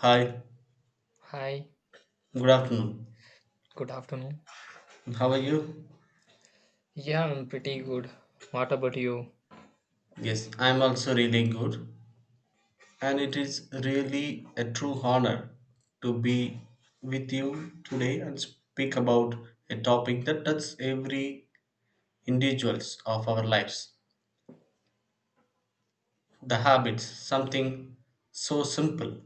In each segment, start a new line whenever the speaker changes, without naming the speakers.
Hi,
Hi,
good afternoon.
good afternoon.
How are you?
Yeah, I'm pretty good. What about you?
Yes, I'm also really good. And it is really a true honor to be with you today and speak about a topic that touches every individuals of our lives. The habits, something so simple,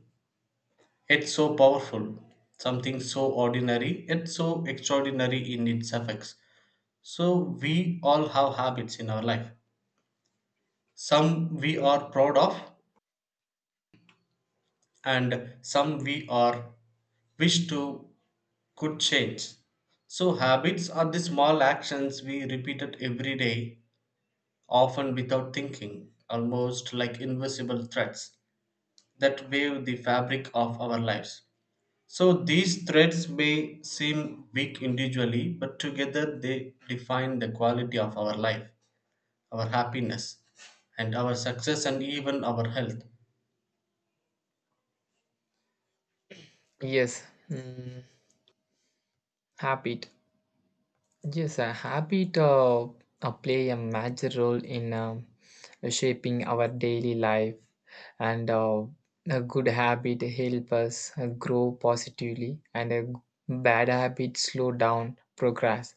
yet so powerful, something so ordinary, yet so extraordinary in its effects. So we all have habits in our life. Some we are proud of, and some we are wish to could change. So habits are the small actions we repeated every day, often without thinking, almost like invisible threads that weave the fabric of our lives. So these threads may seem weak individually, but together they define the quality of our life, our happiness, and our success and even our health.
Yes, mm, happy. Yes, a habit play a major role in shaping our daily life, and a good habit help us grow positively, and bad habit slow down progress.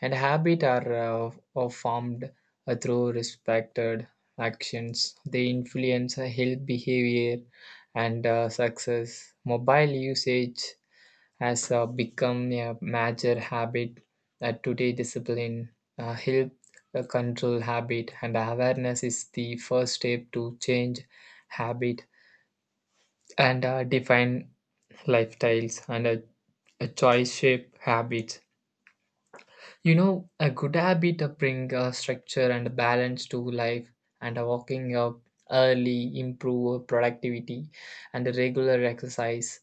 And habit are formed through respected actions. They influence health behavior and success. Mobile usage has become a major habit. Today, discipline, health control habit, and awareness is the first step to change habit and define lifestyles and a choice shape habits. You know, a good habit to bring structure and balance to life, and waking up early improve productivity and regular exercise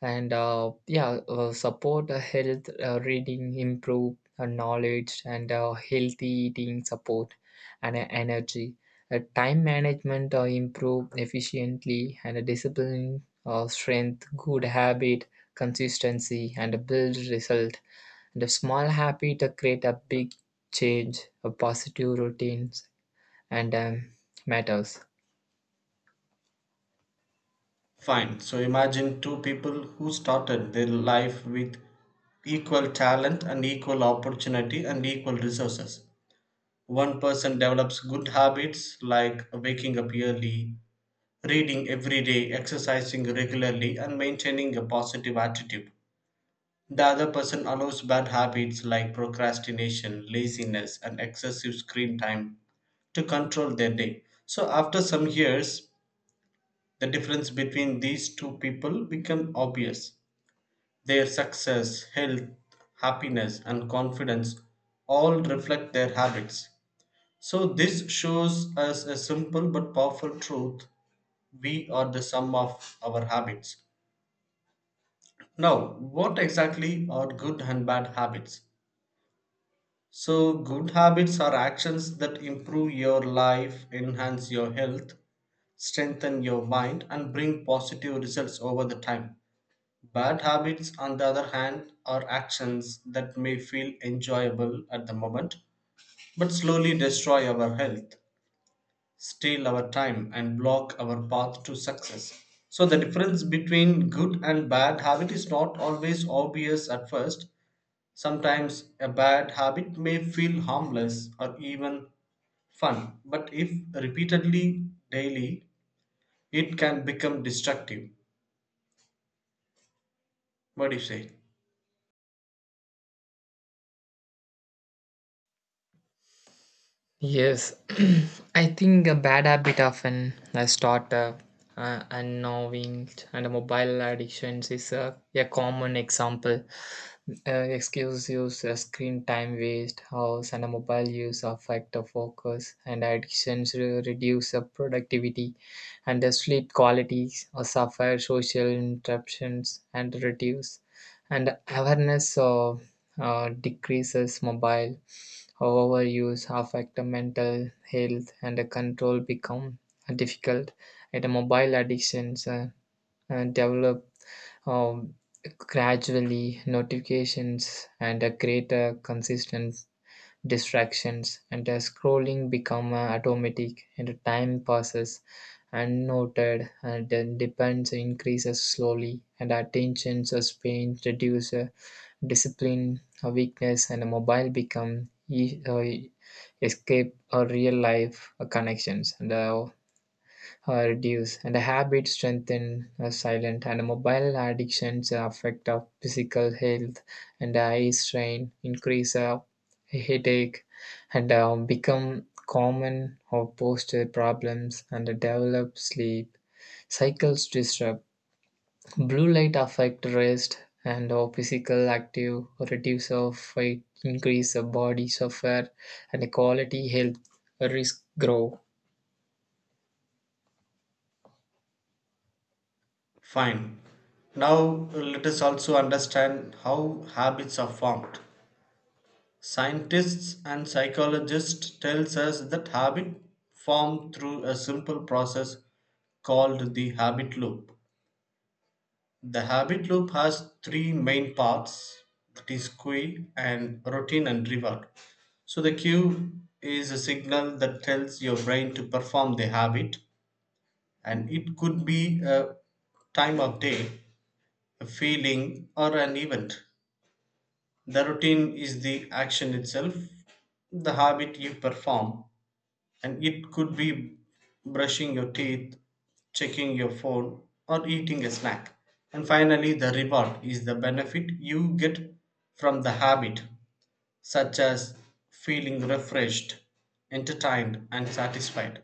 and yeah support health reading improve knowledge and healthy eating support and energy time management improve efficiently and discipline strength good habit consistency and build result and a small habit create a big change a positive routines and matters.
Fine. So imagine two people who started their life with equal talent and equal opportunity and equal resources. One person develops good habits like waking up early, reading every day, exercising regularly, and maintaining a positive attitude. The other person allows bad habits like procrastination, laziness, and excessive screen time to control their day. So after some years, the difference between these two people become obvious. Their success, health, happiness, and confidence all reflect their habits. So this shows us a simple but powerful truth: we are the sum of our habits. Now, what exactly are good and bad habits? So good habits are actions that improve your life, enhance your health, strengthen your mind, and bring positive results over the time. Bad habits, on the other hand, are actions that may feel enjoyable at the moment, but slowly destroy our health, steal our time, and block our path to success. So the difference between good and bad habit is not always obvious at first. Sometimes a bad habit may feel harmless or even fun, but if repeatedly daily, it can become destructive. What do you say?
Yes, I think a bad habit often I start unknowing and mobile addictions is a common example. Excuse use, screen time waste, house and a mobile use affect the focus and reduce the productivity and the sleep qualities or suffer social interruptions and reduce and awareness decreases mobile. However, use affect mental health and control become difficult and mobile addictions develop um, gradually notifications and a greater consistent distractions, and the scrolling become automatic, and the time passes unnoted, and then depends increases slowly, and our attention span reduce, discipline, weakness, and a mobile become escape or real life connections and reduce and the habit strengthen silent and mobile addictions affect our physical health and eye strain increase headache and become common or posture problems and develop sleep cycles disrupt blue light affect rest and our physical active reduce of fight increase the body suffer and the quality health risk grow.
Fine. Now let us also understand how habits are formed. Scientists and psychologists tells us that habit form through a simple process called the habit loop. The habit loop has three main parts, that is cue and routine and reward. So the cue is a signal that tells your brain to perform the habit, and it could be a time of day, a feeling, or an event. The routine is the action itself, the habit you perform, and it could be brushing your teeth, checking your phone, or eating a snack. And finally, the reward is the benefit you get from the habit, such as feeling refreshed, entertained, and satisfied.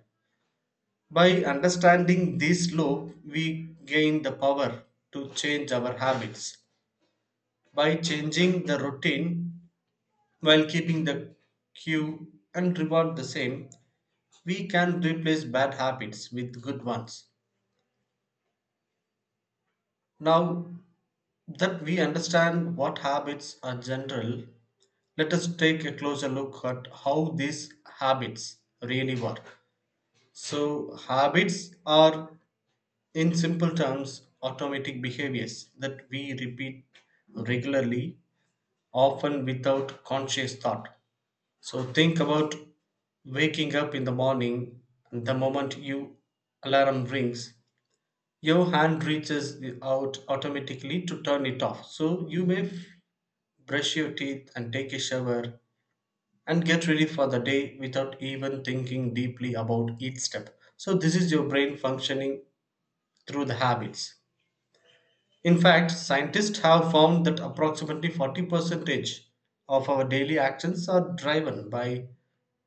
By understanding this loop, we gain the power to change our habits by changing the routine while keeping the cue and reward the same, we can replace bad habits with good ones. Now that we understand what habits are general, let us take a closer look at how these habits really work. So habits are, in simple terms, automatic behaviors that we repeat regularly, often without conscious thought. So think about waking up in the morning, the moment you alarm rings, your hand reaches out automatically to turn it off. So you may brush your teeth and take a shower and get ready for the day without even thinking deeply about each step. So this is your brain functioning through the habits. In fact, scientists have found that approximately 40% of our daily actions are driven by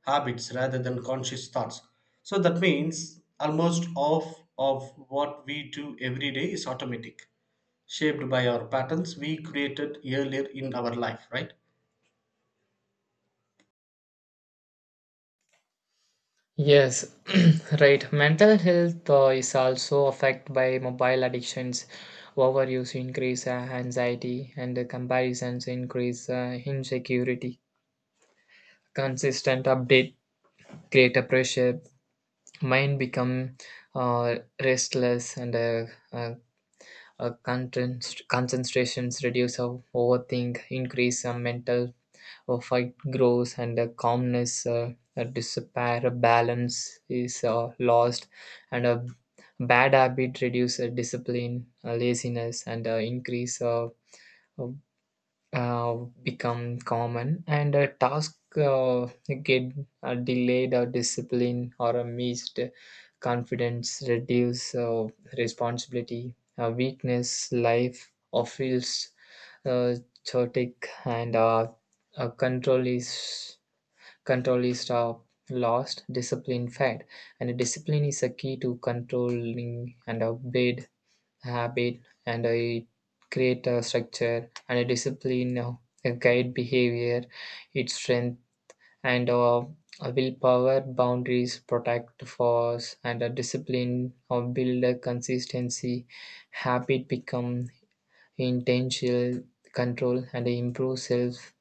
habits rather than conscious thoughts. So that means almost half of what we do every day is automatic, shaped by our patterns we created earlier in our life, right?
Yes, right. Mental health is also affected by mobile addictions. Overuse increase anxiety and comparisons increase insecurity. Consistent update create a pressure. Mind become restless and uh, concentrations reduce. Overthink increase mental a fight grows and a calmness a disappear a balance is lost and a bad habit reduce discipline laziness and increase uh, uh, become common and a task get delayed or discipline or a missed confidence reduce responsibility weakness life or feels uh, chaotic and uh, control is control is lost discipline fed and discipline is a key to controlling and obeyed habit and I create a structure and a discipline, a guide behavior, its strength and a willpower boundaries protect force and a discipline or build a consistency habit become intentional control and improve self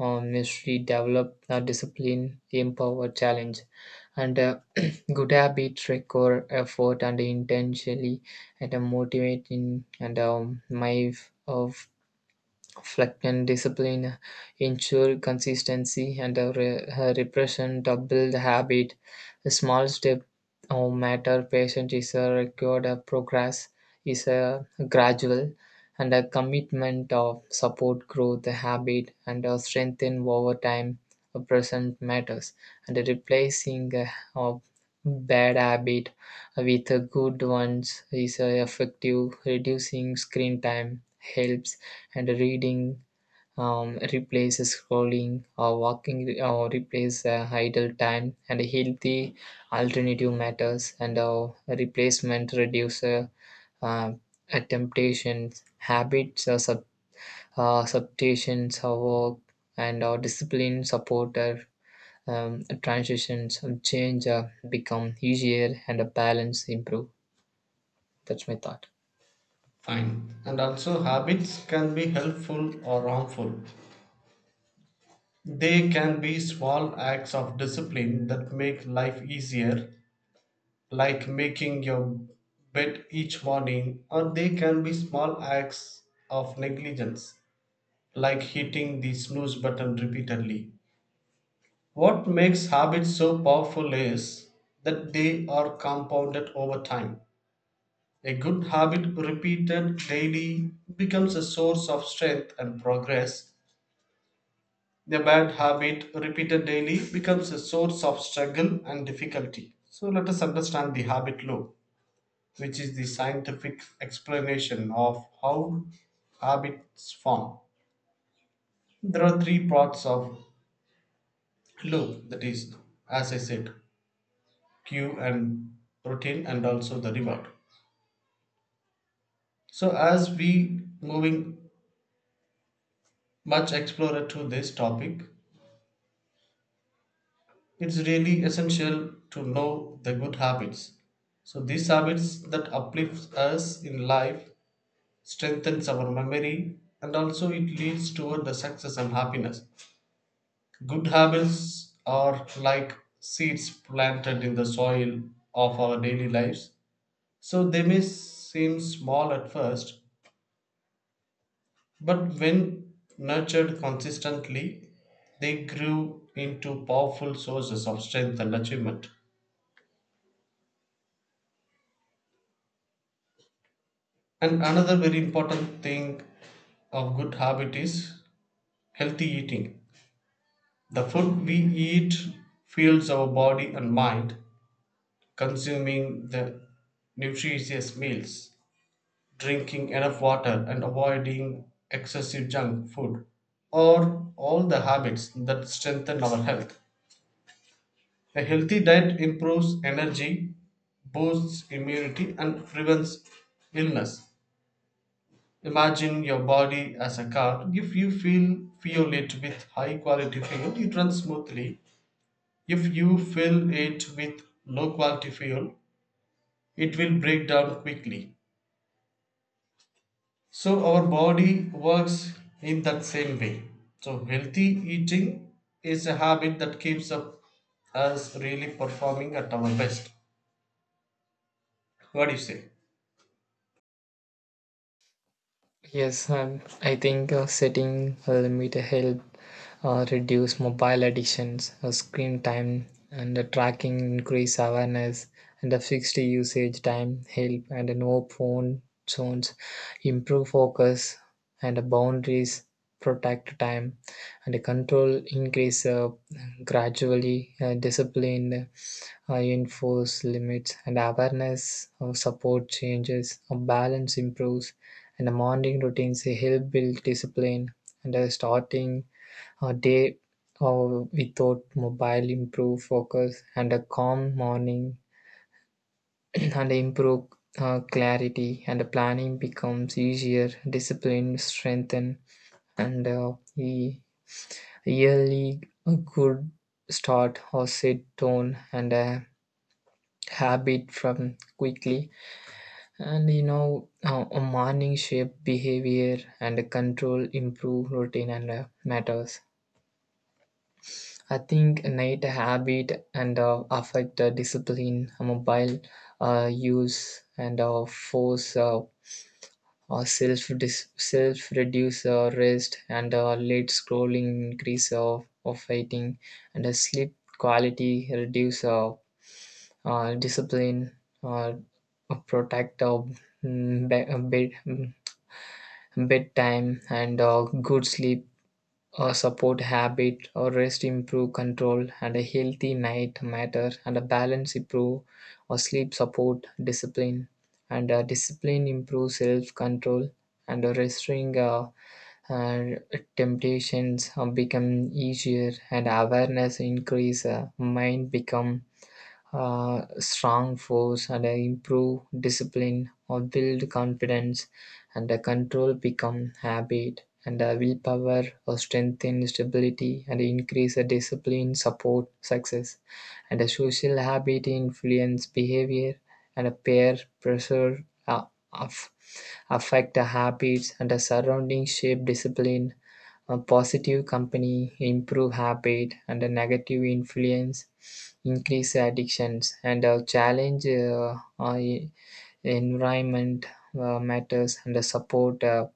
mystery develop a discipline empower challenge and a good habits require effort and intentionally and motivating and of Flecken discipline ensured consistency, and a repression doubled habit. A small step no matter patient is a record of progress is a gradual and a commitment of support growth the habit and a strengthen over time a present matters and a replacing a, of bad habit with a good ones is a effective reducing screen time helps and reading replaces scrolling or walking or replace idle time and healthy alternative matters and replacement reducer uh, temptations habits or substitutions of work and discipline supporter transitions of change become easier and a balance improve. That's my thought.
Fine. And also, habits can be helpful or harmful. They can be small acts of discipline that make life easier, like making your bed each morning, or they can be small acts of negligence, like hitting the snooze button repeatedly. What makes habits so powerful is that they are compounded over time. A good habit repeated daily becomes a source of strength and progress. A bad habit repeated daily becomes a source of struggle and difficulty. So let us understand the habit loop, which is the scientific explanation of how habits form. There are three parts of loop, that is, as I said, cue and routine, and also the reward. So as we moving much explorer to this topic, it's really essential to know the good habits. So these habits that uplifts us in life strengthens our memory and also it leads toward the success and happiness. Good habits are like seeds planted in the soil of our daily lives. So they may seem small at first, but when nurtured consistently, they grew into powerful sources of strength and achievement. And another very important thing of good habit is healthy eating. The food we eat fuels our body and mind. Consuming the nutritious meals, drinking enough water, and avoiding excessive junk food are all the habits that strengthen our health. A healthy diet improves energy, boosts immunity, and prevents illness. Imagine your body as a car. If you feel fuel it with high quality fuel, it runs smoothly. If you fill it with low quality fuel, it will break down quickly. So our body works in that same way. So healthy eating is a habit that keeps up us really performing at our best. What do you say?
Yes, I think setting a limit help reduce mobile addictions, screen time, and the tracking increase awareness, and the fixed usage time help, and the no phone zones improve focus, and the boundaries protect time, and the control increase gradually, discipline enforce limits, and awareness support changes, balance improves and the morning routines help build discipline and starting a day without mobile improve focus and a calm morning and improve clarity and the planning becomes easier discipline strengthen and yearly a good start or set tone and a habit from quickly. And you know, a morning shape behavior and control improve routine and matters. I think night habit and affect discipline, mobile use and force self reduce rest and late scrolling increase of fighting and sleep quality reduce discipline uh, protect bed. Bedtime and good sleep, a support habit, or rest improve control, and a healthy night matter, and a balance improve or sleep support discipline, and discipline improve self control, and restrain uh, temptations become easier, and awareness increase, mind become strong force and improve discipline or build confidence and control become habit and willpower or strengthen stability and increase discipline support success and a social habit influence behavior and a peer pressure of affect the habits and the surrounding shape discipline a positive company improve habit and a negative influence increase addictions and a challenge environment matters and a support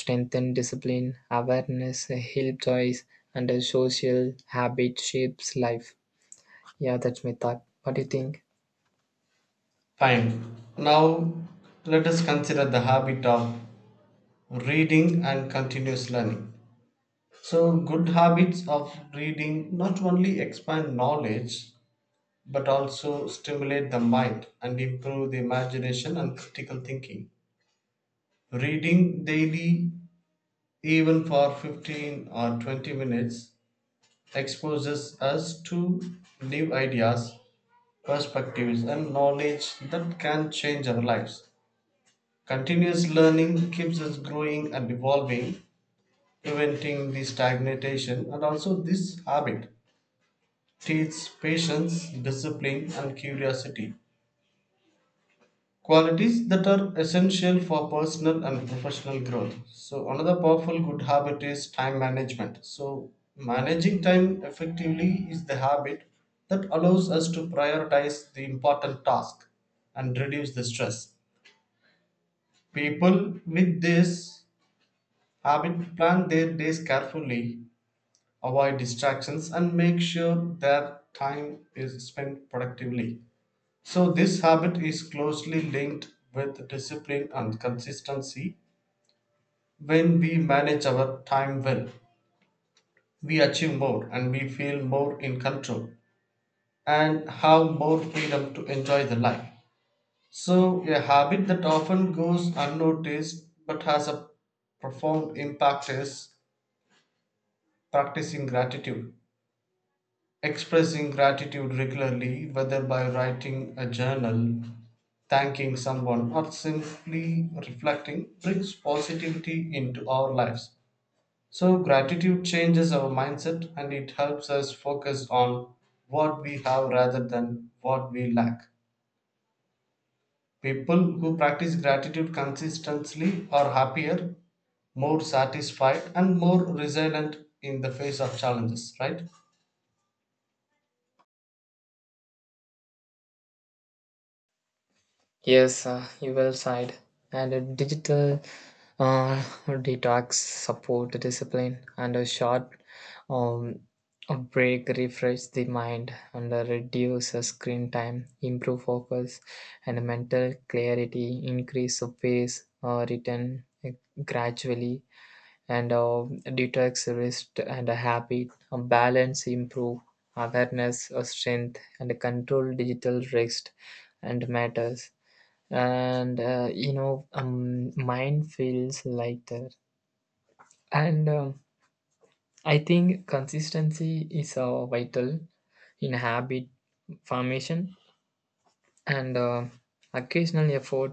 strengthen discipline awareness help choice and a social habit shapes life, yeah, that's my thought. What do you think?
Fine. Now let us consider the habit of reading and continuous learning. So good habits of reading not only expand knowledge but also stimulate the mind and improve the imagination and critical thinking. Reading daily, even for 15 or 20 minutes, exposes us to new ideas, perspectives, and knowledge that can change our lives. Continuous learning keeps us growing and evolving, preventing the stagnation, and also this habit teaches patience, discipline, and curiosity. Qualities that are essential for personal and professional growth. So another powerful good habit is time management. So managing time effectively is the habit that allows us to prioritize the important task and reduce the stress. People with this habit plan their days carefully, avoid distractions, and make sure their time is spent productively. So this habit is closely linked with discipline and consistency. When we manage our time well, we achieve more and we feel more in control and have more freedom to enjoy the life. So a habit that often goes unnoticed but has a profound impact is practicing gratitude. Expressing gratitude regularly, whether by writing a journal, thanking someone, or simply reflecting, brings positivity into our lives. So gratitude changes our mindset and it helps us focus on what we have rather than what we lack. People who practice gratitude consistently are happier, more satisfied, and more resilient in the face of challenges, right?
Yes, you well said. And a digital detox support discipline and a short um, a break refresh the mind and reduce screen time, improve focus and mental clarity, increase of pace return gradually and detox rest and a habit, a balance improve awareness, strength and control digital rest and matters and you know mine feels lighter and I think consistency is vital in habit formation and occasional effort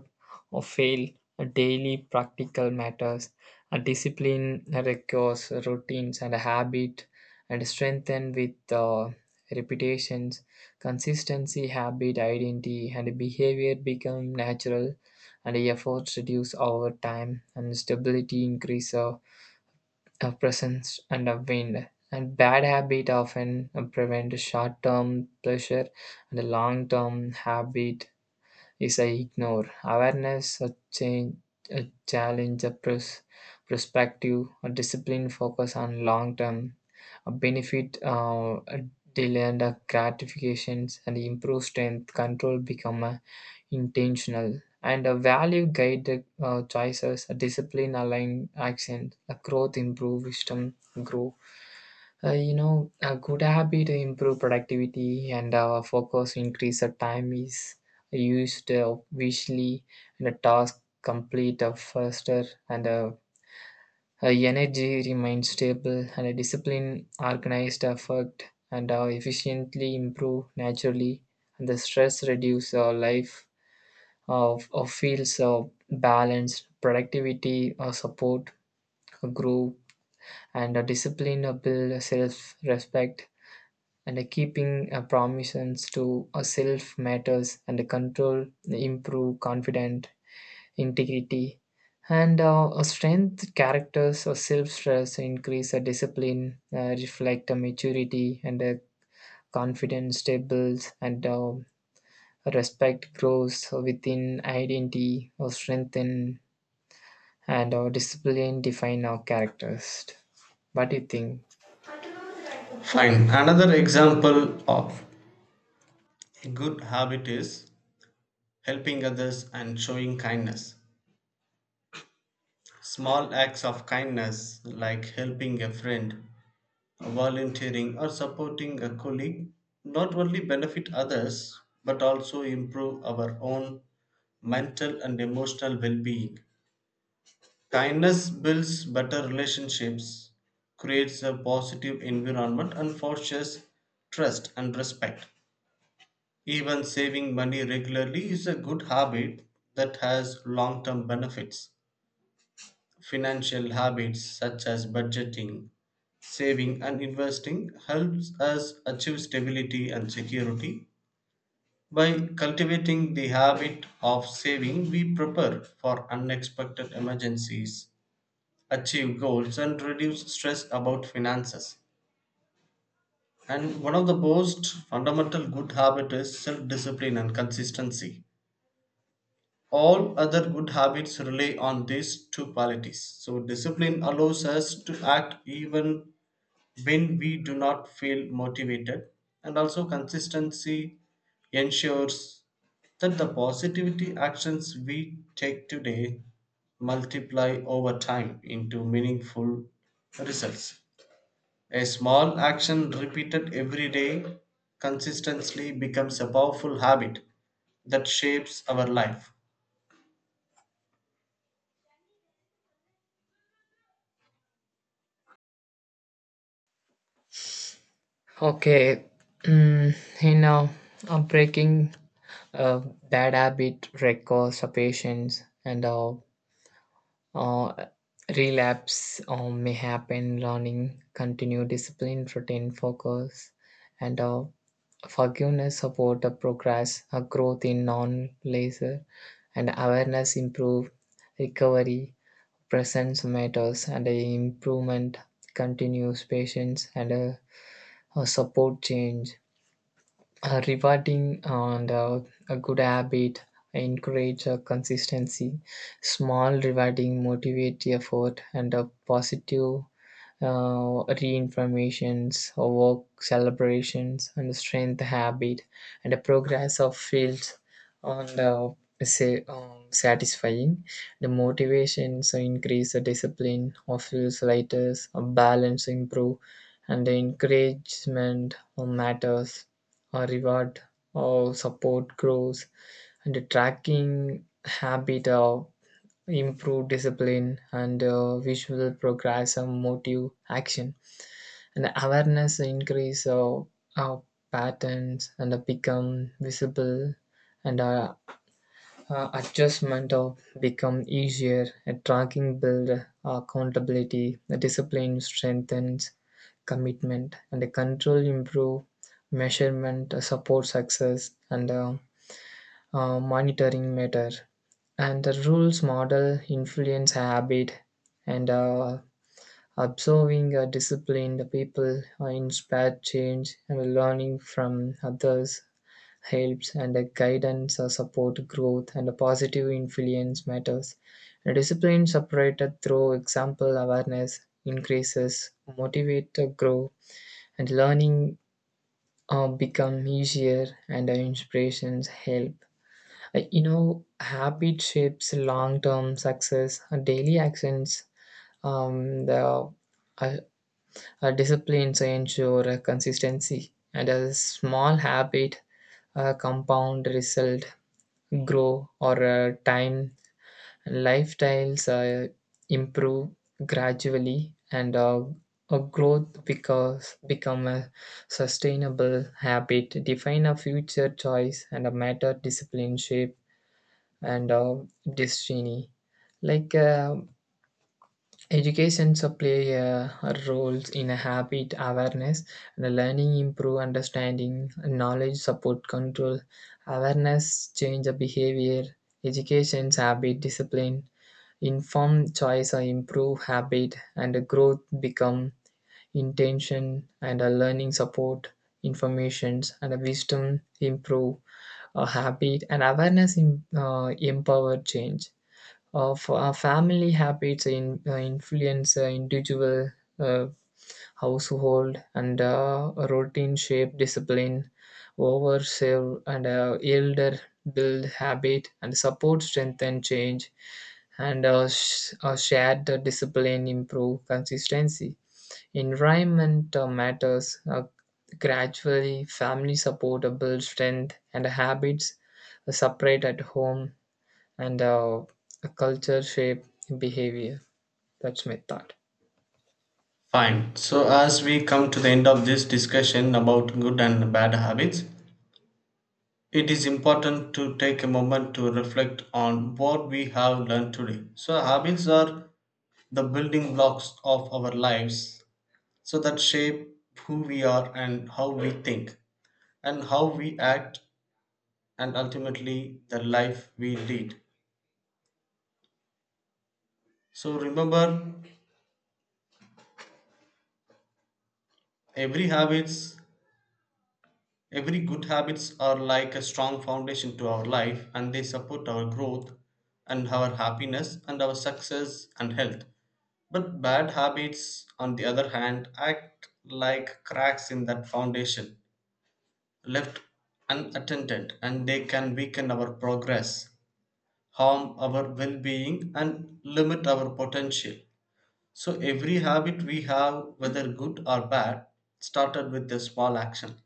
or fail daily practical matters. A discipline requires routines and a habit and strengthen with repetitions consistency habit identity and behavior become natural and efforts reduce over time and stability increase of presence and of wind and bad habit often prevent short-term pleasure and a long-term habit is ignored. Awareness, a change, a challenge, a pros- perspective, a discipline focus on long term, a benefit, a delay and a gratifications, and improve strength control become a intentional and a value guided choices a discipline aligned action a growth improve wisdom grow. You know, a good habit improve productivity and our focus increase the time is used visually and a task complete faster and energy remains stable and a discipline organized effort and efficiently improve naturally and the stress reduce our life of feels of balance, productivity, support, a groove, and a discipline build self respect, and keeping promises to a self matters, and control improve confident integrity. And strength characters or self stress increase a discipline, reflect a maturity, and a confidence stables, and respect grows within identity or strengthen and our discipline define our characters. What do you think?
Fine. Another example of a good habit is helping others and showing kindness. Small acts of kindness, like helping a friend, volunteering, or supporting a colleague, not only benefit others but also improve our own mental and emotional well being. Kindness builds better relationships, creates a positive environment, and fosters trust and respect. Even saving money regularly is a good habit that has long term benefits. Financial habits such as budgeting, saving, and investing helps us achieve stability and security. By cultivating the habit of saving, we prepare for unexpected emergencies, achieve goals, and reduce stress about finances. And one of the most fundamental good habit is self discipline and consistency. All other good habits rely on these two qualities. So discipline allows us to act even when we do not feel motivated, and also consistency ensures that the positivity actions we take today multiply over time into meaningful results. A small action repeated every day consistently becomes a powerful habit that shapes our life.
Okay, mm, you know, breaking a bad habit requires patience and uh, relapse may happen. Learning, continued discipline, routine, focus, and forgiveness support the progress, a growth in non-laser, and awareness improve recovery presence matters and improvement continues patience and a support change a rewarding and a good habit encourage a consistency small rewarding motivate effort and a positive reinformations, or work celebrations, and strength habit, and the progress of fields on the say satisfying the motivation so increase the discipline of feels lighters a balance improve and the encouragement or matters or reward or support grows and the tracking habit of improve discipline and visual progress and motive action and awareness increase our patterns and become visible and adjustment of become easier and tracking build accountability the discipline strengthens commitment and the control improve measurement support success and monitoring matter and the rules model influence habit and observing disciplined people inspire change and learning from others helps and guidance support growth and a positive influence matters. And discipline separated through example awareness increases motivate to grow and learning become easier and inspirations help. You know, habit shapes long term success. Daily actions, the uh, disciplines ensure consistency, and a small habit compound result grow or time lifestyles improve gradually and a growth because become a sustainable habit define a future choice and a matter discipline shape and destiny. Like education so play roles in a habit awareness, the learning improve understanding, knowledge support control, awareness change the behavior, education's habit discipline, informed choice or improve habit, and the growth become intention and a learning support informations and a wisdom improve a habit and empower change of. For family habits in, influence individual uh, household and routine shape discipline over serve and elder build habit and support strength and change and shared the discipline improve consistency environment matters gradually family support build strength and habits separate at home and a culture shape behavior. That's my thought.
Fine. So as we come to the end of this discussion about good and bad habits, it is important to take a moment to reflect on what we have learned today. So habits are the building blocks of our lives, so that shape who we are and how we think, and how we act, and ultimately the life we lead. So remember, every habits, every good habits are like a strong foundation to our life and they support our growth and our happiness and our success and health. But bad habits, on the other hand, act like cracks in that foundation, left unattended, and they can weaken our progress, harm our well being, and limit our potential. So every habit we have, whether good or bad, started with a small action.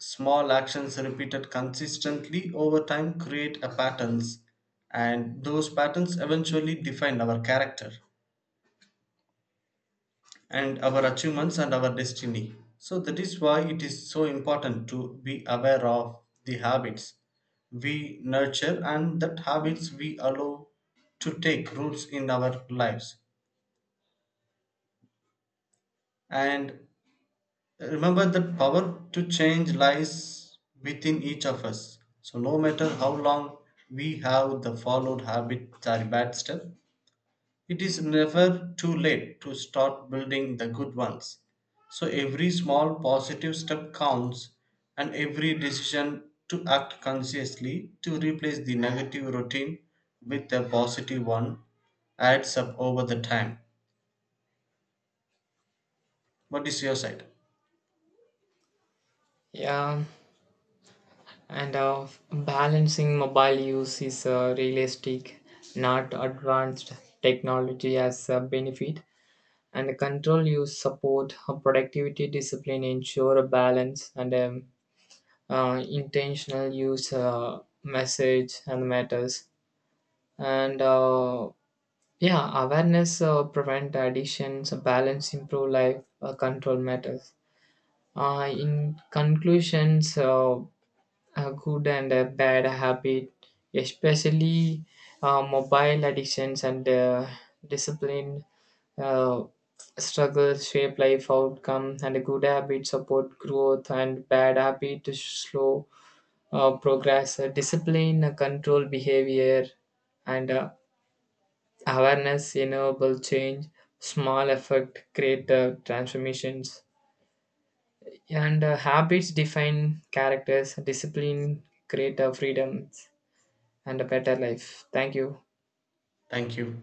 Small actions repeated consistently over time create a patterns, and those patterns eventually define our character and our achievements and our destiny. So that is why it is so important to be aware of the habits we nurture and that habits we allow to take roots in our lives. And remember that power to change lies within each of us. So no matter how long we have the followed habits or bad stuff, it is never too late to start building the good ones. So every small positive step counts, and every decision to act consciously to replace the negative routine with a positive one adds up over the time. What is your side?
Yeah, and balancing mobile use is realistic, not advanced technology as a benefit. And control use support productivity discipline ensure a balance and intentional use message and matters and yeah awareness prevent addictions balance improve life control matters. In conclusions, a good and a bad habit, especially mobile addictions and discipline uh, struggles shape life outcome and a good habit support growth and bad habit to slow progress. Discipline control behavior and awareness enable change. Small effort create transformations. And habits define characters, discipline create freedoms and a better life. Thank you.
Thank you.